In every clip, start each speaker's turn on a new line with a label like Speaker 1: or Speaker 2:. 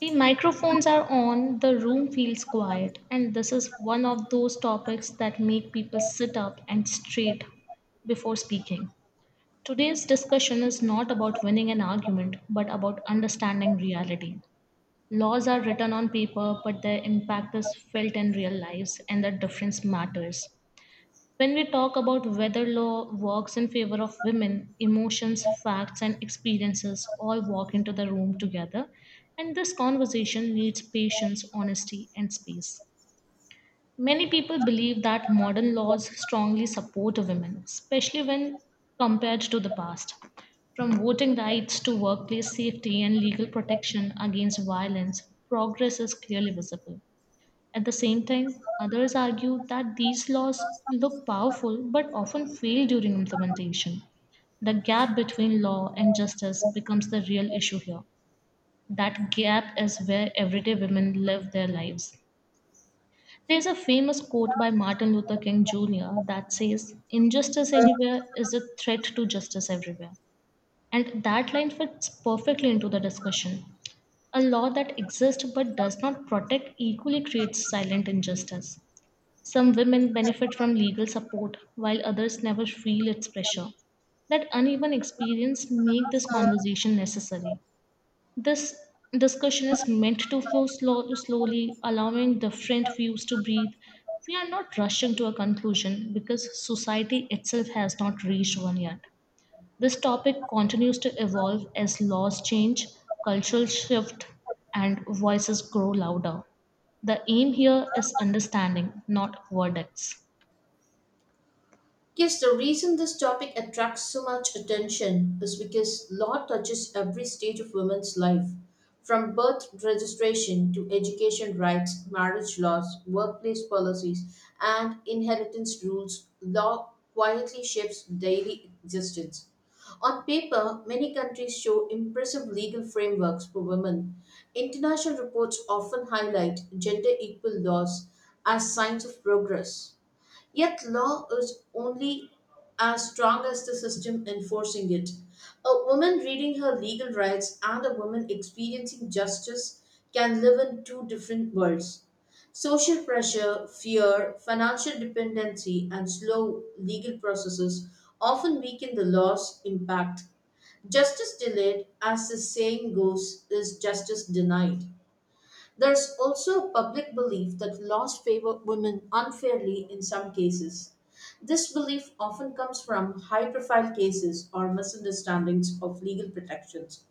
Speaker 1: The microphones are on, the room feels quiet, and this is one of those topics that make people sit up and straight before speaking. Today's discussion is not about winning an argument, but about understanding reality. Laws are written on paper, but their impact is felt in real lives, and the difference matters. When we talk about whether law works in favor of women, emotions, facts, and experiences all walk into the room together, and this conversation needs patience, honesty, and space. Many people believe that modern laws strongly support women, especially when compared to the past. From voting rights to workplace safety and legal protection against violence, progress is clearly visible. At the same time, others argue that these laws look powerful but often fail during implementation. The gap between law and justice becomes the real issue here. That gap is where everyday women live their lives. There's a famous quote by Martin Luther King Jr. that says, injustice anywhere is a threat to justice everywhere. And that line fits perfectly into the discussion. A law that exists but does not protect equally creates silent injustice. Some women benefit from legal support while others never feel its pressure. That uneven experience make this conversation necessary. This discussion is meant to flow slowly, allowing different views to breathe. We are not rushing to a conclusion because society itself has not reached one yet. This topic continues to evolve as laws change, cultural shift, and voices grow louder. The aim here is understanding, not verdicts.
Speaker 2: Yes, the reason this topic attracts so much attention is because law touches every stage of women's life, from birth registration to education rights, marriage laws, workplace policies, and inheritance rules. Law quietly shapes daily existence. On paper, many countries show impressive legal frameworks for women. International reports often highlight gender equal laws as signs of progress. Yet, law is only as strong as the system enforcing it. A woman reading her legal rights and a woman experiencing justice can live in two different worlds. Social pressure, fear, financial dependency, and slow legal processes often weaken the law's impact. Justice delayed, as the saying goes, is justice denied. There's also a public belief that laws favor women unfairly in some cases. This belief often comes from high profile cases or misunderstandings of legal protections.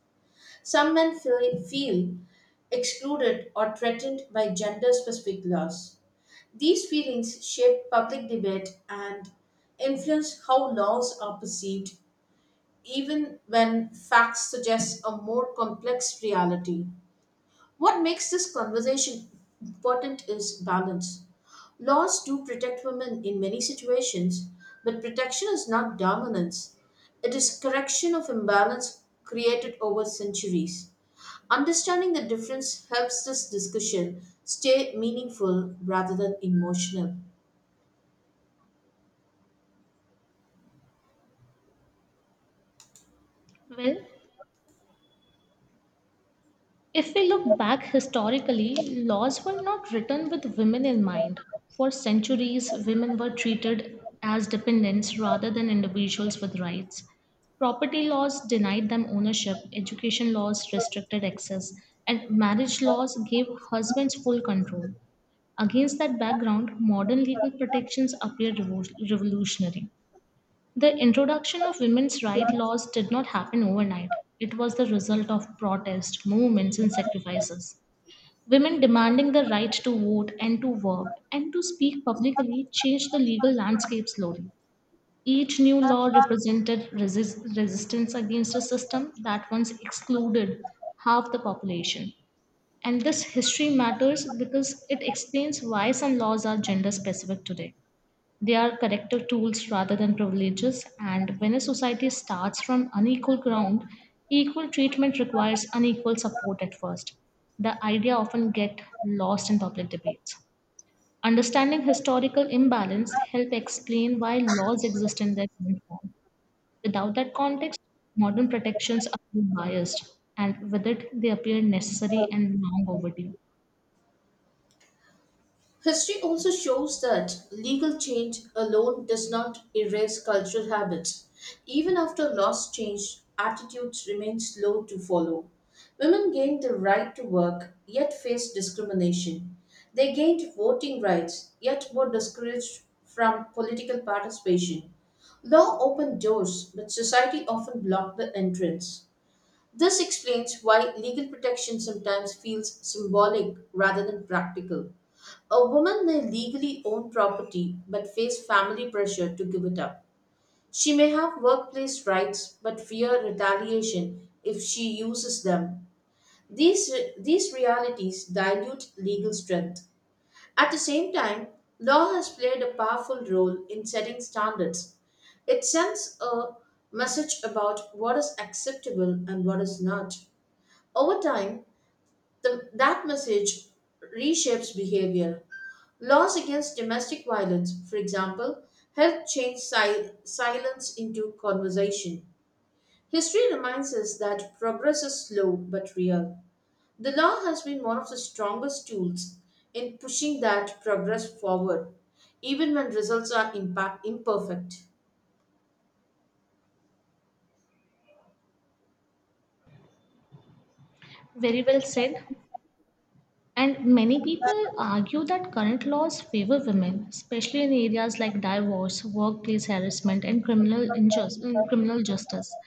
Speaker 2: Some men feel excluded or threatened by gender specific laws. These feelings shape public debate and influence how laws are perceived, even when facts suggest a more complex reality. What makes this conversation important is balance. Laws do protect women in many situations, but protection is not dominance. It is correction of imbalance created over centuries. Understanding the difference helps this discussion stay meaningful rather than emotional.
Speaker 1: Well, if we look back historically, laws were not written with women in mind. For centuries, women were treated as dependents rather than individuals with rights. Property laws denied them ownership, education laws restricted access, and marriage laws gave husbands full control. Against that background, modern legal protections appear revolutionary. The introduction of women's rights laws did not happen overnight. It was the result of protest, movements, and sacrifices. Women demanding the right to vote and to work and to speak publicly changed the legal landscape slowly. Each new law represented resistance against a system that once excluded half the population. And this history matters because it explains why some laws are gender specific today. They are corrective tools rather than privileges, and when a society starts from unequal ground, equal treatment requires unequal support at first. The idea often gets lost in public debates. Understanding historical imbalance helps explain why laws exist in their current form. Without that context, modern protections appear biased, and with it, they appear necessary and long overdue.
Speaker 2: History also shows that legal change alone does not erase cultural habits. Even after laws change, attitudes remain slow to follow. Women gained the right to work, yet faced discrimination. They gained voting rights, yet were discouraged from political participation. Law opened doors, but society often blocked the entrance. This explains why legal protection sometimes feels symbolic rather than practical. A woman may legally own property but face family pressure to give it up. She may have workplace rights but fear retaliation if she uses them. These, these realities dilute legal strength. At the same time, law has played a powerful role in setting standards. It sends a message about what is acceptable and what is not. Over time, that message reshapes behavior. Laws against domestic violence, for example, help change silence into conversation. History reminds us that progress is slow but real. The law has been one of the strongest tools in pushing that progress forward, even when results are imperfect.
Speaker 1: Very well said. And many people argue that current laws favor women, especially in areas like divorce, workplace harassment, and criminal justice.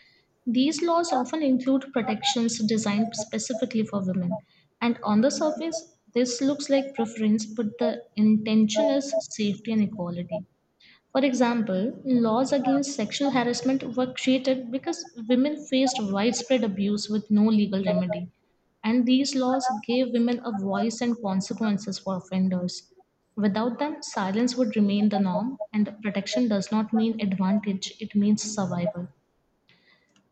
Speaker 1: These laws often include protections designed specifically for women. And on the surface, this looks like preference, but the intention is safety and equality. For example, laws against sexual harassment were created because women faced widespread abuse with no legal remedy, and these laws gave women a voice and consequences for offenders. Without them, silence would remain the norm, and protection does not mean advantage, it means survival.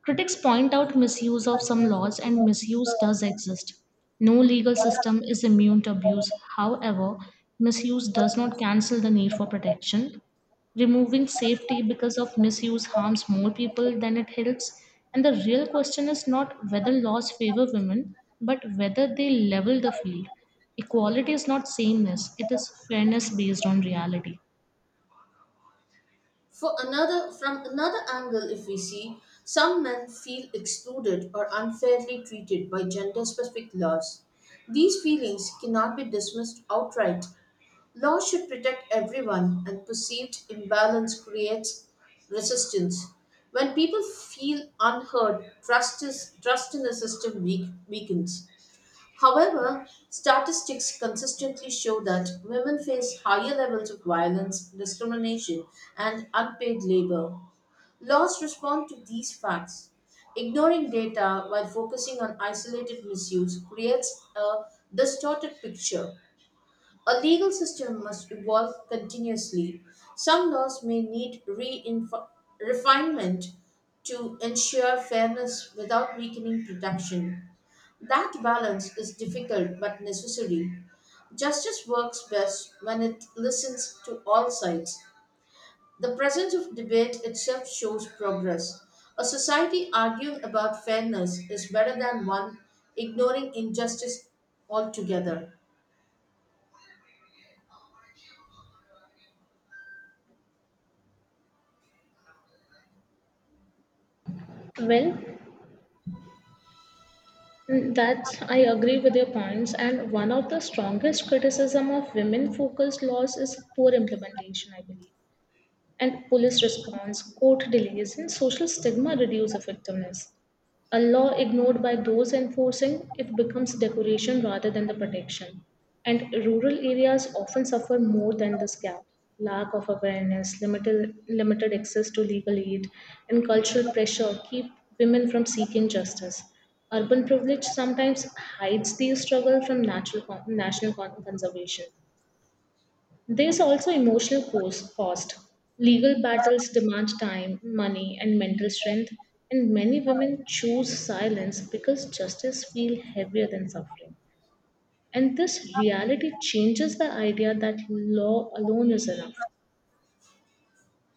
Speaker 1: Critics point out misuse of some laws, and misuse does exist. No legal system is immune to abuse. However, misuse does not cancel the need for protection. Removing safety because of misuse harms more people than it helps. And the real question is not whether laws favor women, but whether they level the field. Equality is not sameness, it is fairness based on reality.
Speaker 2: For another, from another angle, if we see, some men feel excluded or unfairly treated by gender specific laws. These feelings cannot be dismissed outright. Laws should protect everyone, and perceived imbalance creates resistance. When people feel unheard, trust in the system weakens. However, statistics consistently show that women face higher levels of violence, discrimination, and unpaid labor. Laws respond to these facts. Ignoring data while focusing on isolated misuse creates a distorted picture. A legal system must evolve continuously. Some laws may need refinement to ensure fairness without weakening protection. That balance is difficult but necessary. Justice works best when it listens to all sides. The presence of debate itself shows progress. A society arguing about fairness is better than one ignoring injustice altogether.
Speaker 1: Well, Mm, That's I agree with your points, and one of the strongest criticism of women-focused laws is poor implementation, I believe, and police response, court delays, and social stigma reduce effectiveness. A law ignored by those enforcing it becomes decoration rather than the protection. And rural areas often suffer more than this gap. Lack of awareness, limited access to legal aid, and cultural pressure keep women from seeking justice. Urban privilege sometimes hides these struggles from natural, con- national con- conservation. There's also emotional cost. Legal battles demand time, money, and mental strength, and many women choose silence because justice feels heavier than suffering. And this reality changes the idea that law alone is enough.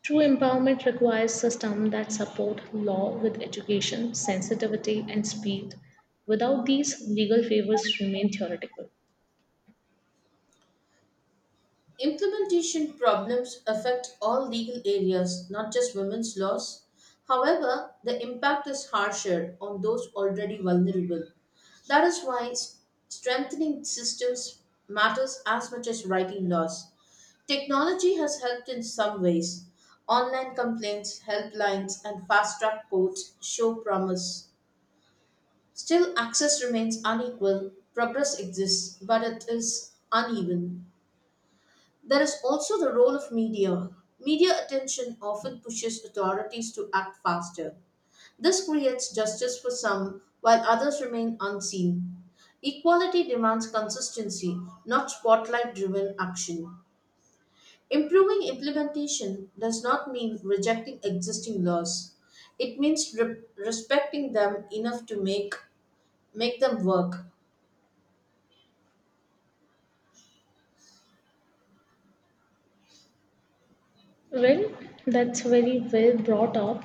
Speaker 1: True empowerment requires systems that support law with education, sensitivity, and speed. Without these, legal favors remain theoretical.
Speaker 2: Implementation problems affect all legal areas, not just women's laws. However, the impact is harsher on those already vulnerable. That is why strengthening systems matters as much as writing laws. Technology has helped in some ways. Online complaints, helplines, and fast track courts show promise. Still, access remains unequal. Progress exists, but it is uneven. There is also the role of media. Media attention often pushes authorities to act faster. This creates justice for some while others remain unseen. Equality demands consistency, not spotlight driven action. Improving implementation does not mean rejecting existing laws. It means respecting them enough to make them work.
Speaker 1: Well, that's very well brought up.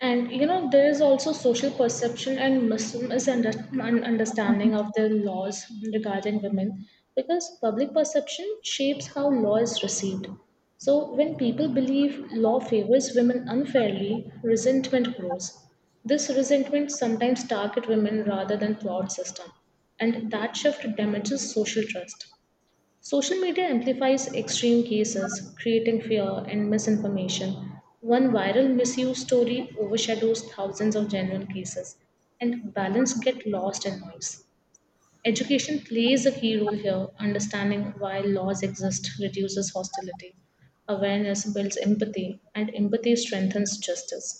Speaker 1: And you know, there is also social perception and misunderstanding of the laws regarding women because public perception shapes how law is received. So, when people believe law favors women unfairly, resentment grows. This resentment sometimes target women rather than flawed system, and that shift damages social trust. Social media amplifies extreme cases, creating fear and misinformation. One viral misuse story overshadows thousands of genuine cases, and balance gets lost in noise. Education plays a key role here. Understanding why laws exist reduces hostility. Awareness builds empathy, and empathy strengthens justice.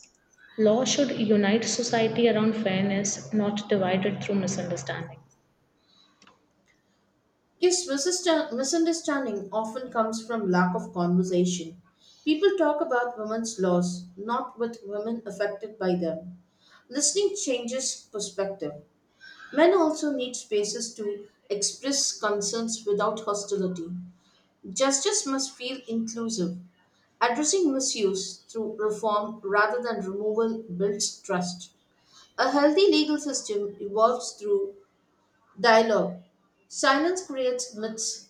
Speaker 1: Law should unite society around fairness, not divide it through misunderstanding.
Speaker 2: Yes, misunderstanding often comes from lack of conversation. People talk about women's laws, not with women affected by them. Listening changes perspective. Men also need spaces to express concerns without hostility. Justice must feel inclusive. Addressing misuse through reform rather than removal builds trust. A healthy legal system evolves through dialogue. Silence creates myths.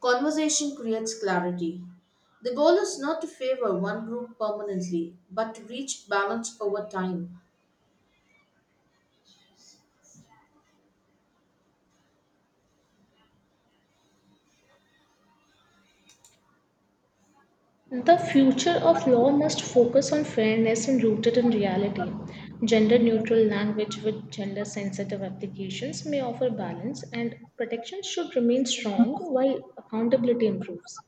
Speaker 2: Conversation creates clarity. The goal is not to favor one group permanently, but to reach balance over time.
Speaker 1: The future of law must focus on fairness and rooted in reality. Gender neutral language with gender sensitive applications may offer balance, and protection should remain strong while accountability improves.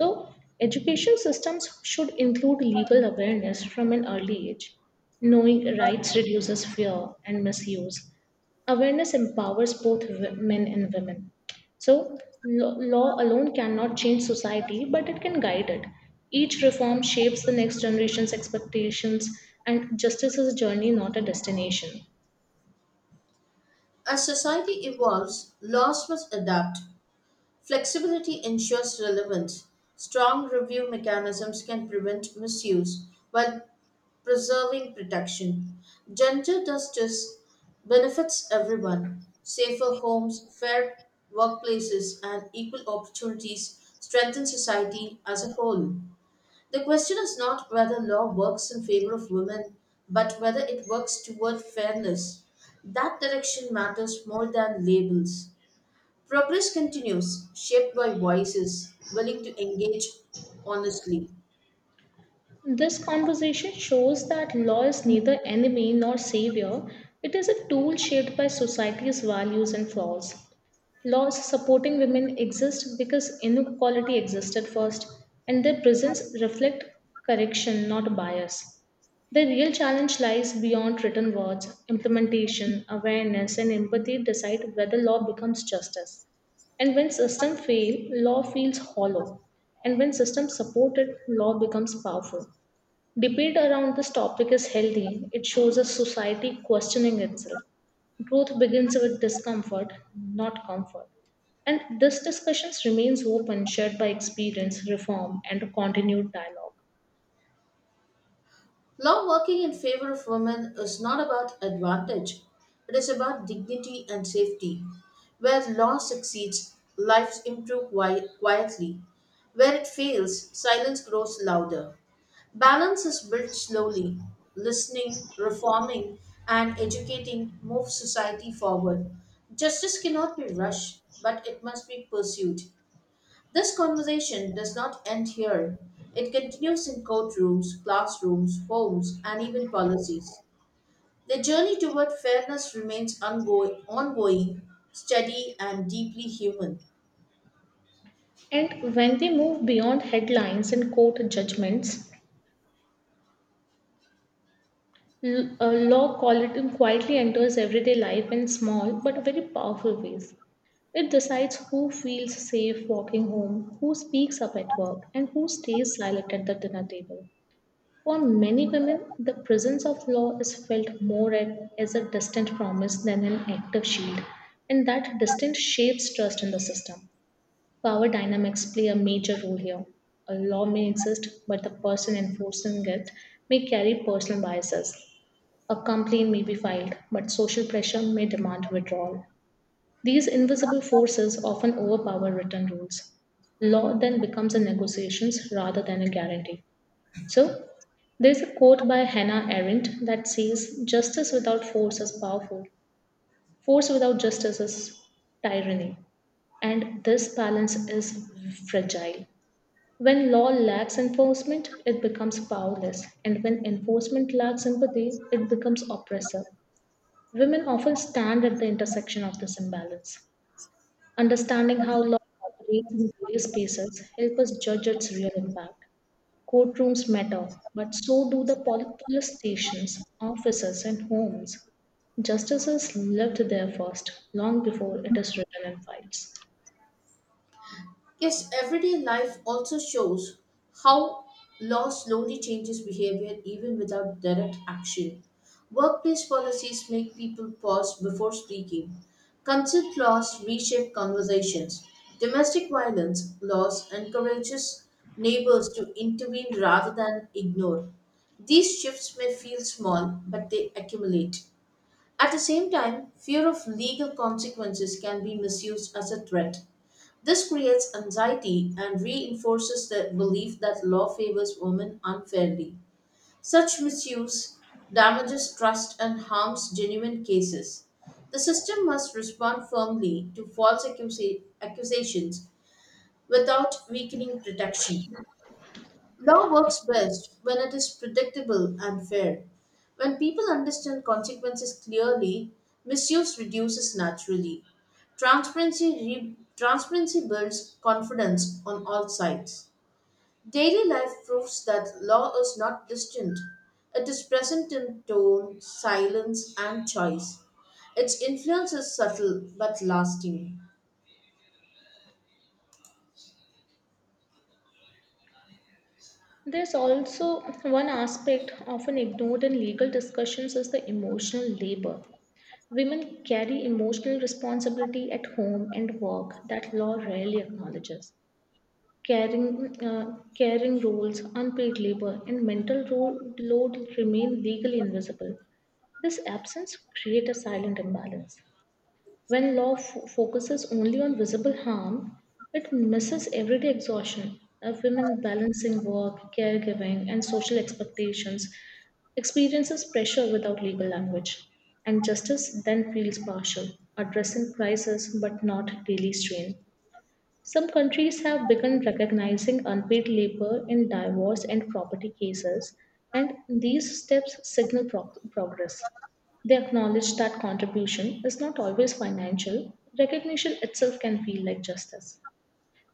Speaker 1: So, education systems should include legal awareness from an early age. Knowing rights reduces fear and misuse. Awareness empowers both men and women. So, law alone cannot change society, but it can guide it. Each reform shapes the next generation's expectations, and justice is a journey, not a destination.
Speaker 2: As society evolves, laws must adapt. Flexibility ensures relevance. Strong review mechanisms can prevent misuse while preserving protection. Gender justice benefits everyone. Safer homes, fair workplaces, and equal opportunities strengthen society as a whole. The question is not whether law works in favor of women, but whether it works toward fairness. That direction matters more than labels. Progress continues, shaped by voices willing to engage honestly.
Speaker 1: This conversation shows that law is neither enemy nor savior, it is a tool shaped by society's values and flaws. Laws supporting women exist because inequality existed first, and their presence reflect correction, not bias. The real challenge lies beyond written words. Implementation, awareness, and empathy decide whether law becomes justice. And when systems fail, law feels hollow. And when systems support it, law becomes powerful. Debate around this topic is healthy. It shows a society questioning itself. Growth begins with discomfort, not comfort. And this discussion remains open, shared by experience, reform, and continued dialogue.
Speaker 2: Law working in favor of women is not about advantage, it is about dignity and safety. Where law succeeds, lives improve quietly. Where it fails, silence grows louder. Balance is built slowly. Listening, reforming, and educating move society forward. Justice cannot be rushed, but it must be pursued. This conversation does not end here. It continues in courtrooms, classrooms, homes, and even policies. The journey toward fairness remains ongoing, steady, and deeply human.
Speaker 1: And when we move beyond headlines and court judgments, law quality quietly enters everyday life in small but very powerful ways. It decides who feels safe walking home, who speaks up at work, and who stays silent at the dinner table. For many women, the presence of law is felt more as a distant promise than an active shield, and that distance shapes trust in the system. Power dynamics play a major role here. A law may exist, but the person enforcing it may carry personal biases, a complaint may be filed, but social pressure may demand withdrawal. These invisible forces often overpower written rules. Law then becomes a negotiation rather than a guarantee. So, there's a quote by Hannah Arendt that says, justice without force is powerful, force without justice is tyranny. And this balance is fragile. When law lacks enforcement, it becomes powerless. And when enforcement lacks empathy, it becomes oppressive. Women often stand at the intersection of this imbalance. Understanding how law operates in various spaces help us judge its real impact. Courtrooms matter, but so do the police stations, offices, and homes. Justice is lived there first, long before it is written in files.
Speaker 2: Yes, everyday life also shows how law slowly changes behavior even without direct action. Workplace policies make people pause before speaking. Consent laws reshape conversations. Domestic violence laws encourages neighbors to intervene rather than ignore. These shifts may feel small, but they accumulate. At the same time, fear of legal consequences can be misused as a threat. This creates anxiety and reinforces the belief that law favors women unfairly. Such misuse damages trust and harms genuine cases. The system must respond firmly to false accusations without weakening protection. Law works best when it is predictable and fair. When people understand consequences clearly, misuse reduces naturally. Transparency builds confidence on all sides. Daily life proves that law is not distant, it is present in tone, silence, and choice. Its influence is subtle but lasting.
Speaker 1: There's also one aspect often ignored in legal discussions is the emotional labor. Women carry emotional responsibility at home and work that law rarely acknowledges. Caring roles, unpaid labor, and mental load remain legally invisible. This absence creates a silent imbalance. When law focuses only on visible harm, it misses everyday exhaustion of women balancing work, caregiving, and social expectations, experiences pressure without legal language, and justice then feels partial, addressing crisis but not daily strain. Some countries have begun recognizing unpaid labor in divorce and property cases, and these steps signal progress. They acknowledge that contribution is not always financial, recognition itself can feel like justice.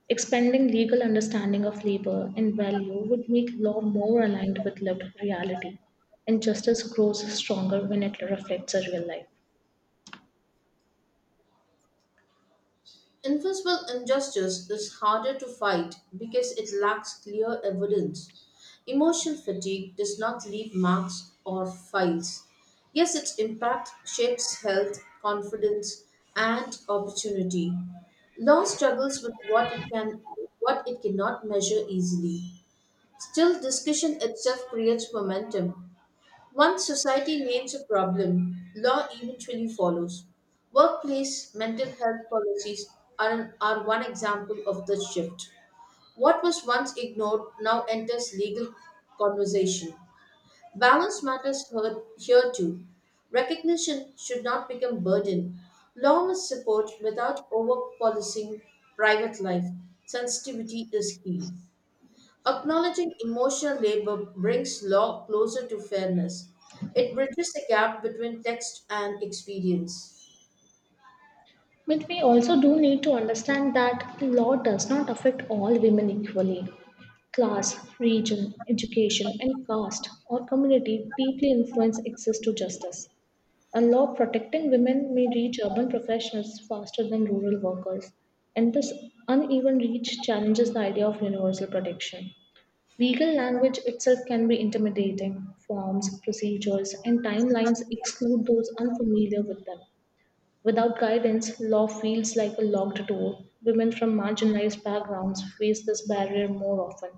Speaker 1: Expanding legal understanding of labor and value would make law more aligned with lived reality, and justice grows stronger when it reflects a real life.
Speaker 2: Enforceable injustice is harder to fight because it lacks clear evidence. Emotional fatigue does not leave marks or files. Yes, its impact shapes health, confidence, and opportunity. Law struggles with what it cannot measure easily. Still, discussion itself creates momentum. Once society names a problem, law eventually follows. Workplace mental health policies are one example of this shift. What was once ignored now enters legal conversation. Balance matters heard here too. Recognition should not become burden. Law must support without over policing private life. Sensitivity is key. Acknowledging emotional labor brings law closer to fairness. It bridges the gap between text and experience.
Speaker 1: But we also do need to understand that law does not affect all women equally. Class, region, education, and caste or community deeply influence access to justice. A law protecting women may reach urban professionals faster than rural workers, and this uneven reach challenges the idea of universal protection. Legal language itself can be intimidating. Forms, procedures, and timelines exclude those unfamiliar with them. Without guidance, law feels like a locked door. Women from marginalized backgrounds face this barrier more often.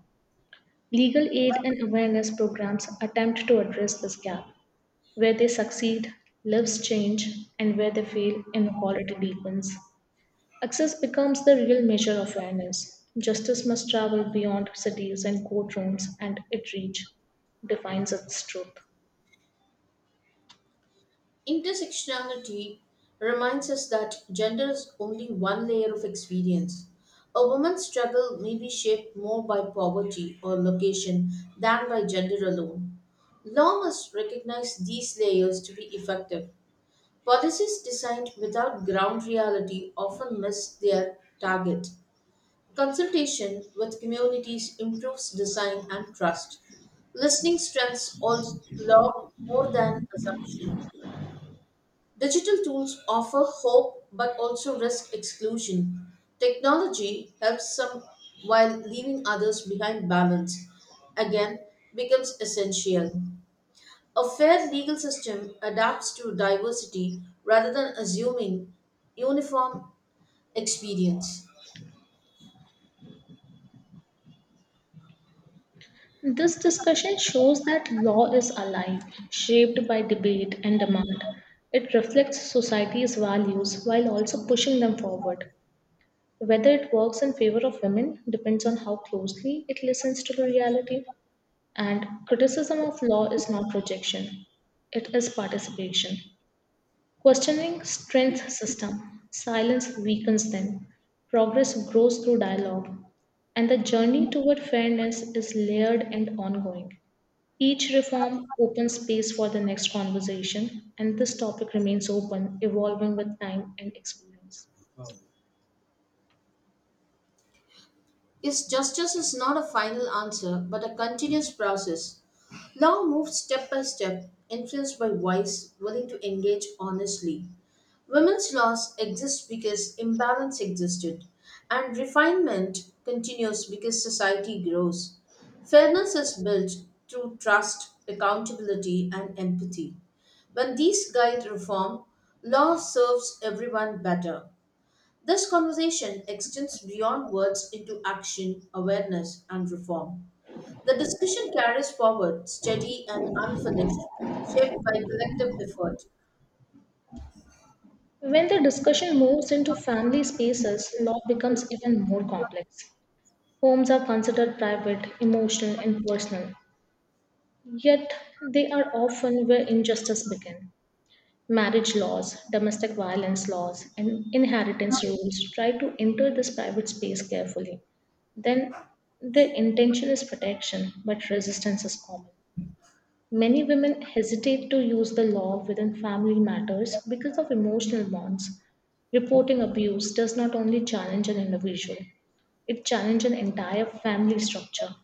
Speaker 1: Legal aid and awareness programs attempt to address this gap. Where they succeed, lives change, and where they fail, inequality deepens. Access becomes the real measure of fairness. Justice must travel beyond cities and courtrooms, and it reach defines its truth.
Speaker 2: Intersectionality reminds us that gender is only one layer of experience. A woman's struggle may be shaped more by poverty or location than by gender alone. Law must recognize these layers to be effective. Policies designed without ground reality often miss their target. Consultation with communities improves design and trust. Listening strengths all, law more than assumption. Digital tools offer hope but also risk exclusion. Technology helps some while leaving others behind balance again becomes essential. A fair legal system adapts to diversity rather than assuming uniform experience.
Speaker 1: This discussion shows that law is alive, shaped by debate and demand. It reflects society's values while also pushing them forward. Whether it works in favor of women depends on how closely it listens to the reality. And criticism of law is not rejection, it is participation. Questioning strength system, silence weakens them. Progress grows through dialogue, and the journey toward fairness is layered and ongoing. Each reform opens space for the next conversation, and this topic remains open, evolving with time and experience.
Speaker 2: Is justice is not a final answer but a continuous process. Law moves step by step, influenced by wise, willing to engage honestly. Women's laws exist because imbalance existed, and refinement continues because society grows. Fairness is built through trust, accountability, and empathy. When these guide reform, law serves everyone better. This conversation extends beyond words into action, awareness, and reform. The discussion carries forward, steady and unfinished, shaped by collective effort.
Speaker 1: When the discussion moves into family spaces, law becomes even more complex. Homes are considered private, emotional, and personal, yet they are often where injustice begins. Marriage laws, domestic violence laws, and inheritance rules try to enter this private space carefully, then their intention is protection, but resistance is common. Many women hesitate to use the law within family matters because of emotional bonds. Reporting abuse does not only challenge an individual, it challenges an entire family structure.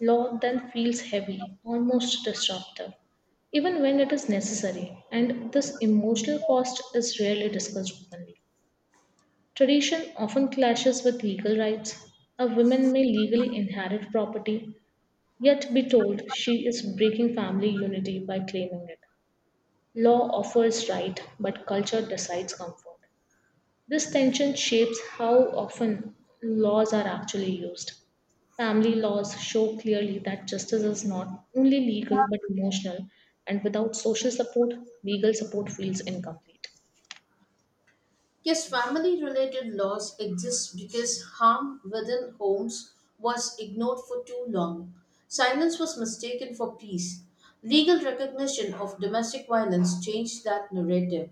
Speaker 1: Law then feels heavy, almost disruptive, even when it is necessary, and this emotional cost is rarely discussed openly. Tradition often clashes with legal rights. A woman may legally inherit property, yet be told she is breaking family unity by claiming it. Law offers right, but culture decides comfort. This tension shapes how often laws are actually used. Family laws show clearly that justice is not only legal but emotional, and without social support, legal support feels incomplete.
Speaker 2: Yes, family related laws exist because harm within homes was ignored for too long. Silence was mistaken for peace. Legal recognition of domestic violence changed that narrative.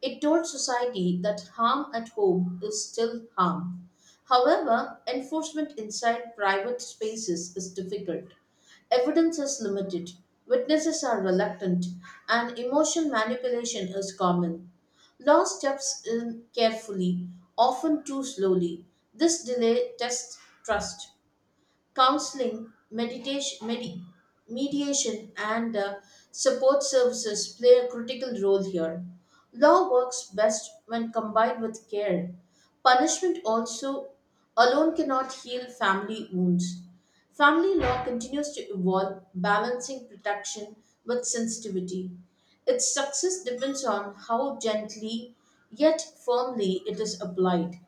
Speaker 2: It told society that harm at home is still harm. However, enforcement inside private spaces is difficult. Evidence is limited, witnesses are reluctant, and emotion manipulation is common. Law steps in carefully, often too slowly. This delay tests trust. Counseling, meditation, mediation, and support services play a critical role here. Law works best when combined with care. Punishment also alone cannot heal family wounds. Family law continues to evolve, balancing protection with sensitivity. Its success depends on how gently yet firmly it is applied.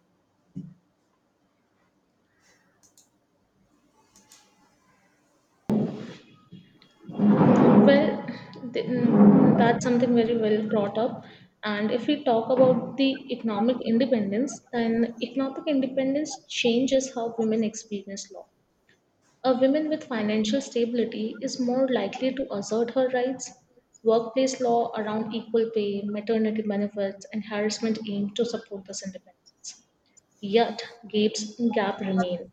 Speaker 1: Well, that's something very well brought up. And if we talk about the economic independence, then economic independence changes how women experience law. A woman with financial stability is more likely to assert her rights. Workplace law around equal pay, maternity benefits, and harassment aim to support this independence. Yet, gap remain.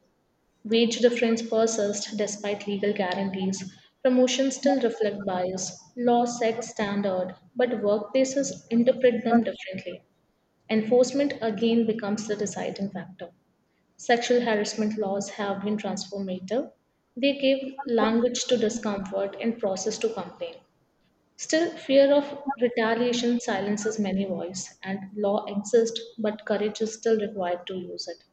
Speaker 1: Wage difference persist despite legal guarantees. Promotions still reflect bias. Law sets standard, but workplaces interpret them differently. Enforcement again becomes the deciding factor. Sexual harassment laws have been transformative. They gave language to discomfort and process to complaint. Still, fear of retaliation silences many voices, and law exists, but courage is still required to use it.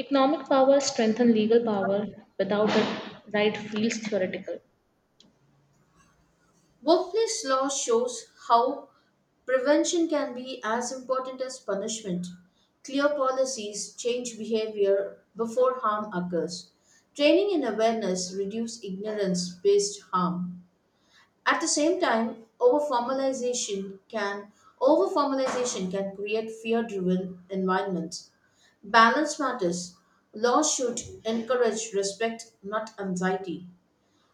Speaker 1: Economic power strengthens legal power without it, right feels theoretical.
Speaker 2: Workplace law shows how prevention can be as important as punishment. Clear policies change behavior before harm occurs. Training and awareness reduce ignorance based harm. At the same time, overformalization can create fear-driven environments. Balance matters. Laws should encourage respect, not anxiety.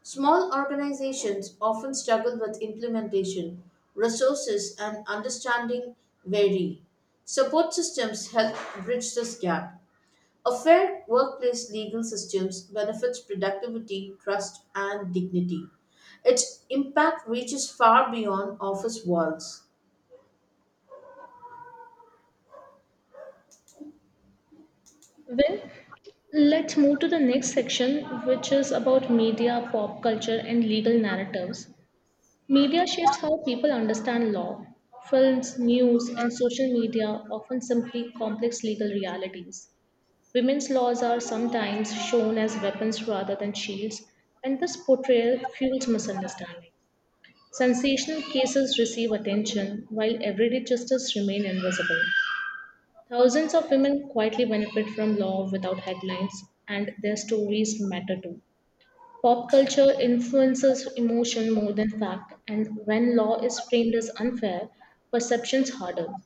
Speaker 2: Small organizations often struggle with implementation, resources, and understanding vary. Support systems help bridge this gap. A fair workplace legal systems benefits productivity, trust, and dignity. Its impact reaches far beyond office walls.
Speaker 1: Well, let's move to the next section, which is about media, pop culture, and legal narratives. Media shapes how people understand law. Films, news, and social media often simply complex legal realities. Women's laws are sometimes shown as weapons rather than shields, and this portrayal fuels misunderstanding. Sensational cases receive attention while everyday justice remain invisible. Thousands of women quietly benefit from law without headlines, and their stories matter too. Pop culture influences emotion more than fact, and when law is framed as unfair, perceptions harden.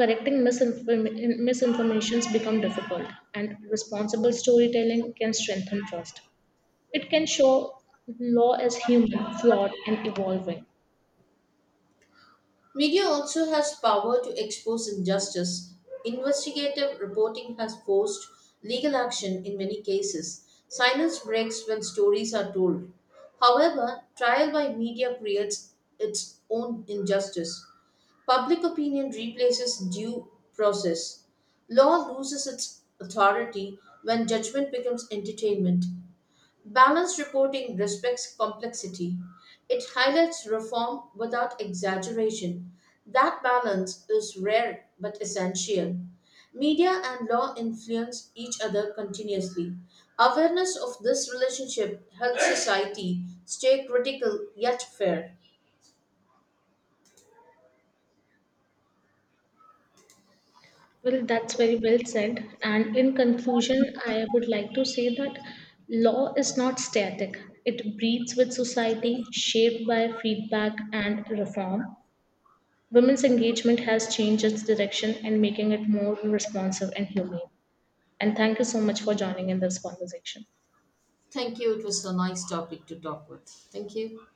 Speaker 1: Correcting Misinformations become difficult, and responsible storytelling can strengthen trust. It can show law as human, flawed, and evolving.
Speaker 2: Media also has power to expose injustice. Investigative reporting has forced legal action in many cases. Silence breaks when stories are told. However, trial by media creates its own injustice. Public opinion replaces due process. Law loses its authority when judgment becomes entertainment. Balanced reporting respects complexity. It highlights reform without exaggeration. That balance is rare but essential. Media and law influence each other continuously. Awareness of this relationship helps society stay critical yet fair.
Speaker 1: That's very well said. And in conclusion, I would like to say that law is not static. It breathes with society, shaped by feedback and reform. Women's engagement has changed its direction and making it more responsive and humane. And thank you so much for joining in this conversation.
Speaker 2: Thank you. It was a nice topic to talk with. Thank you.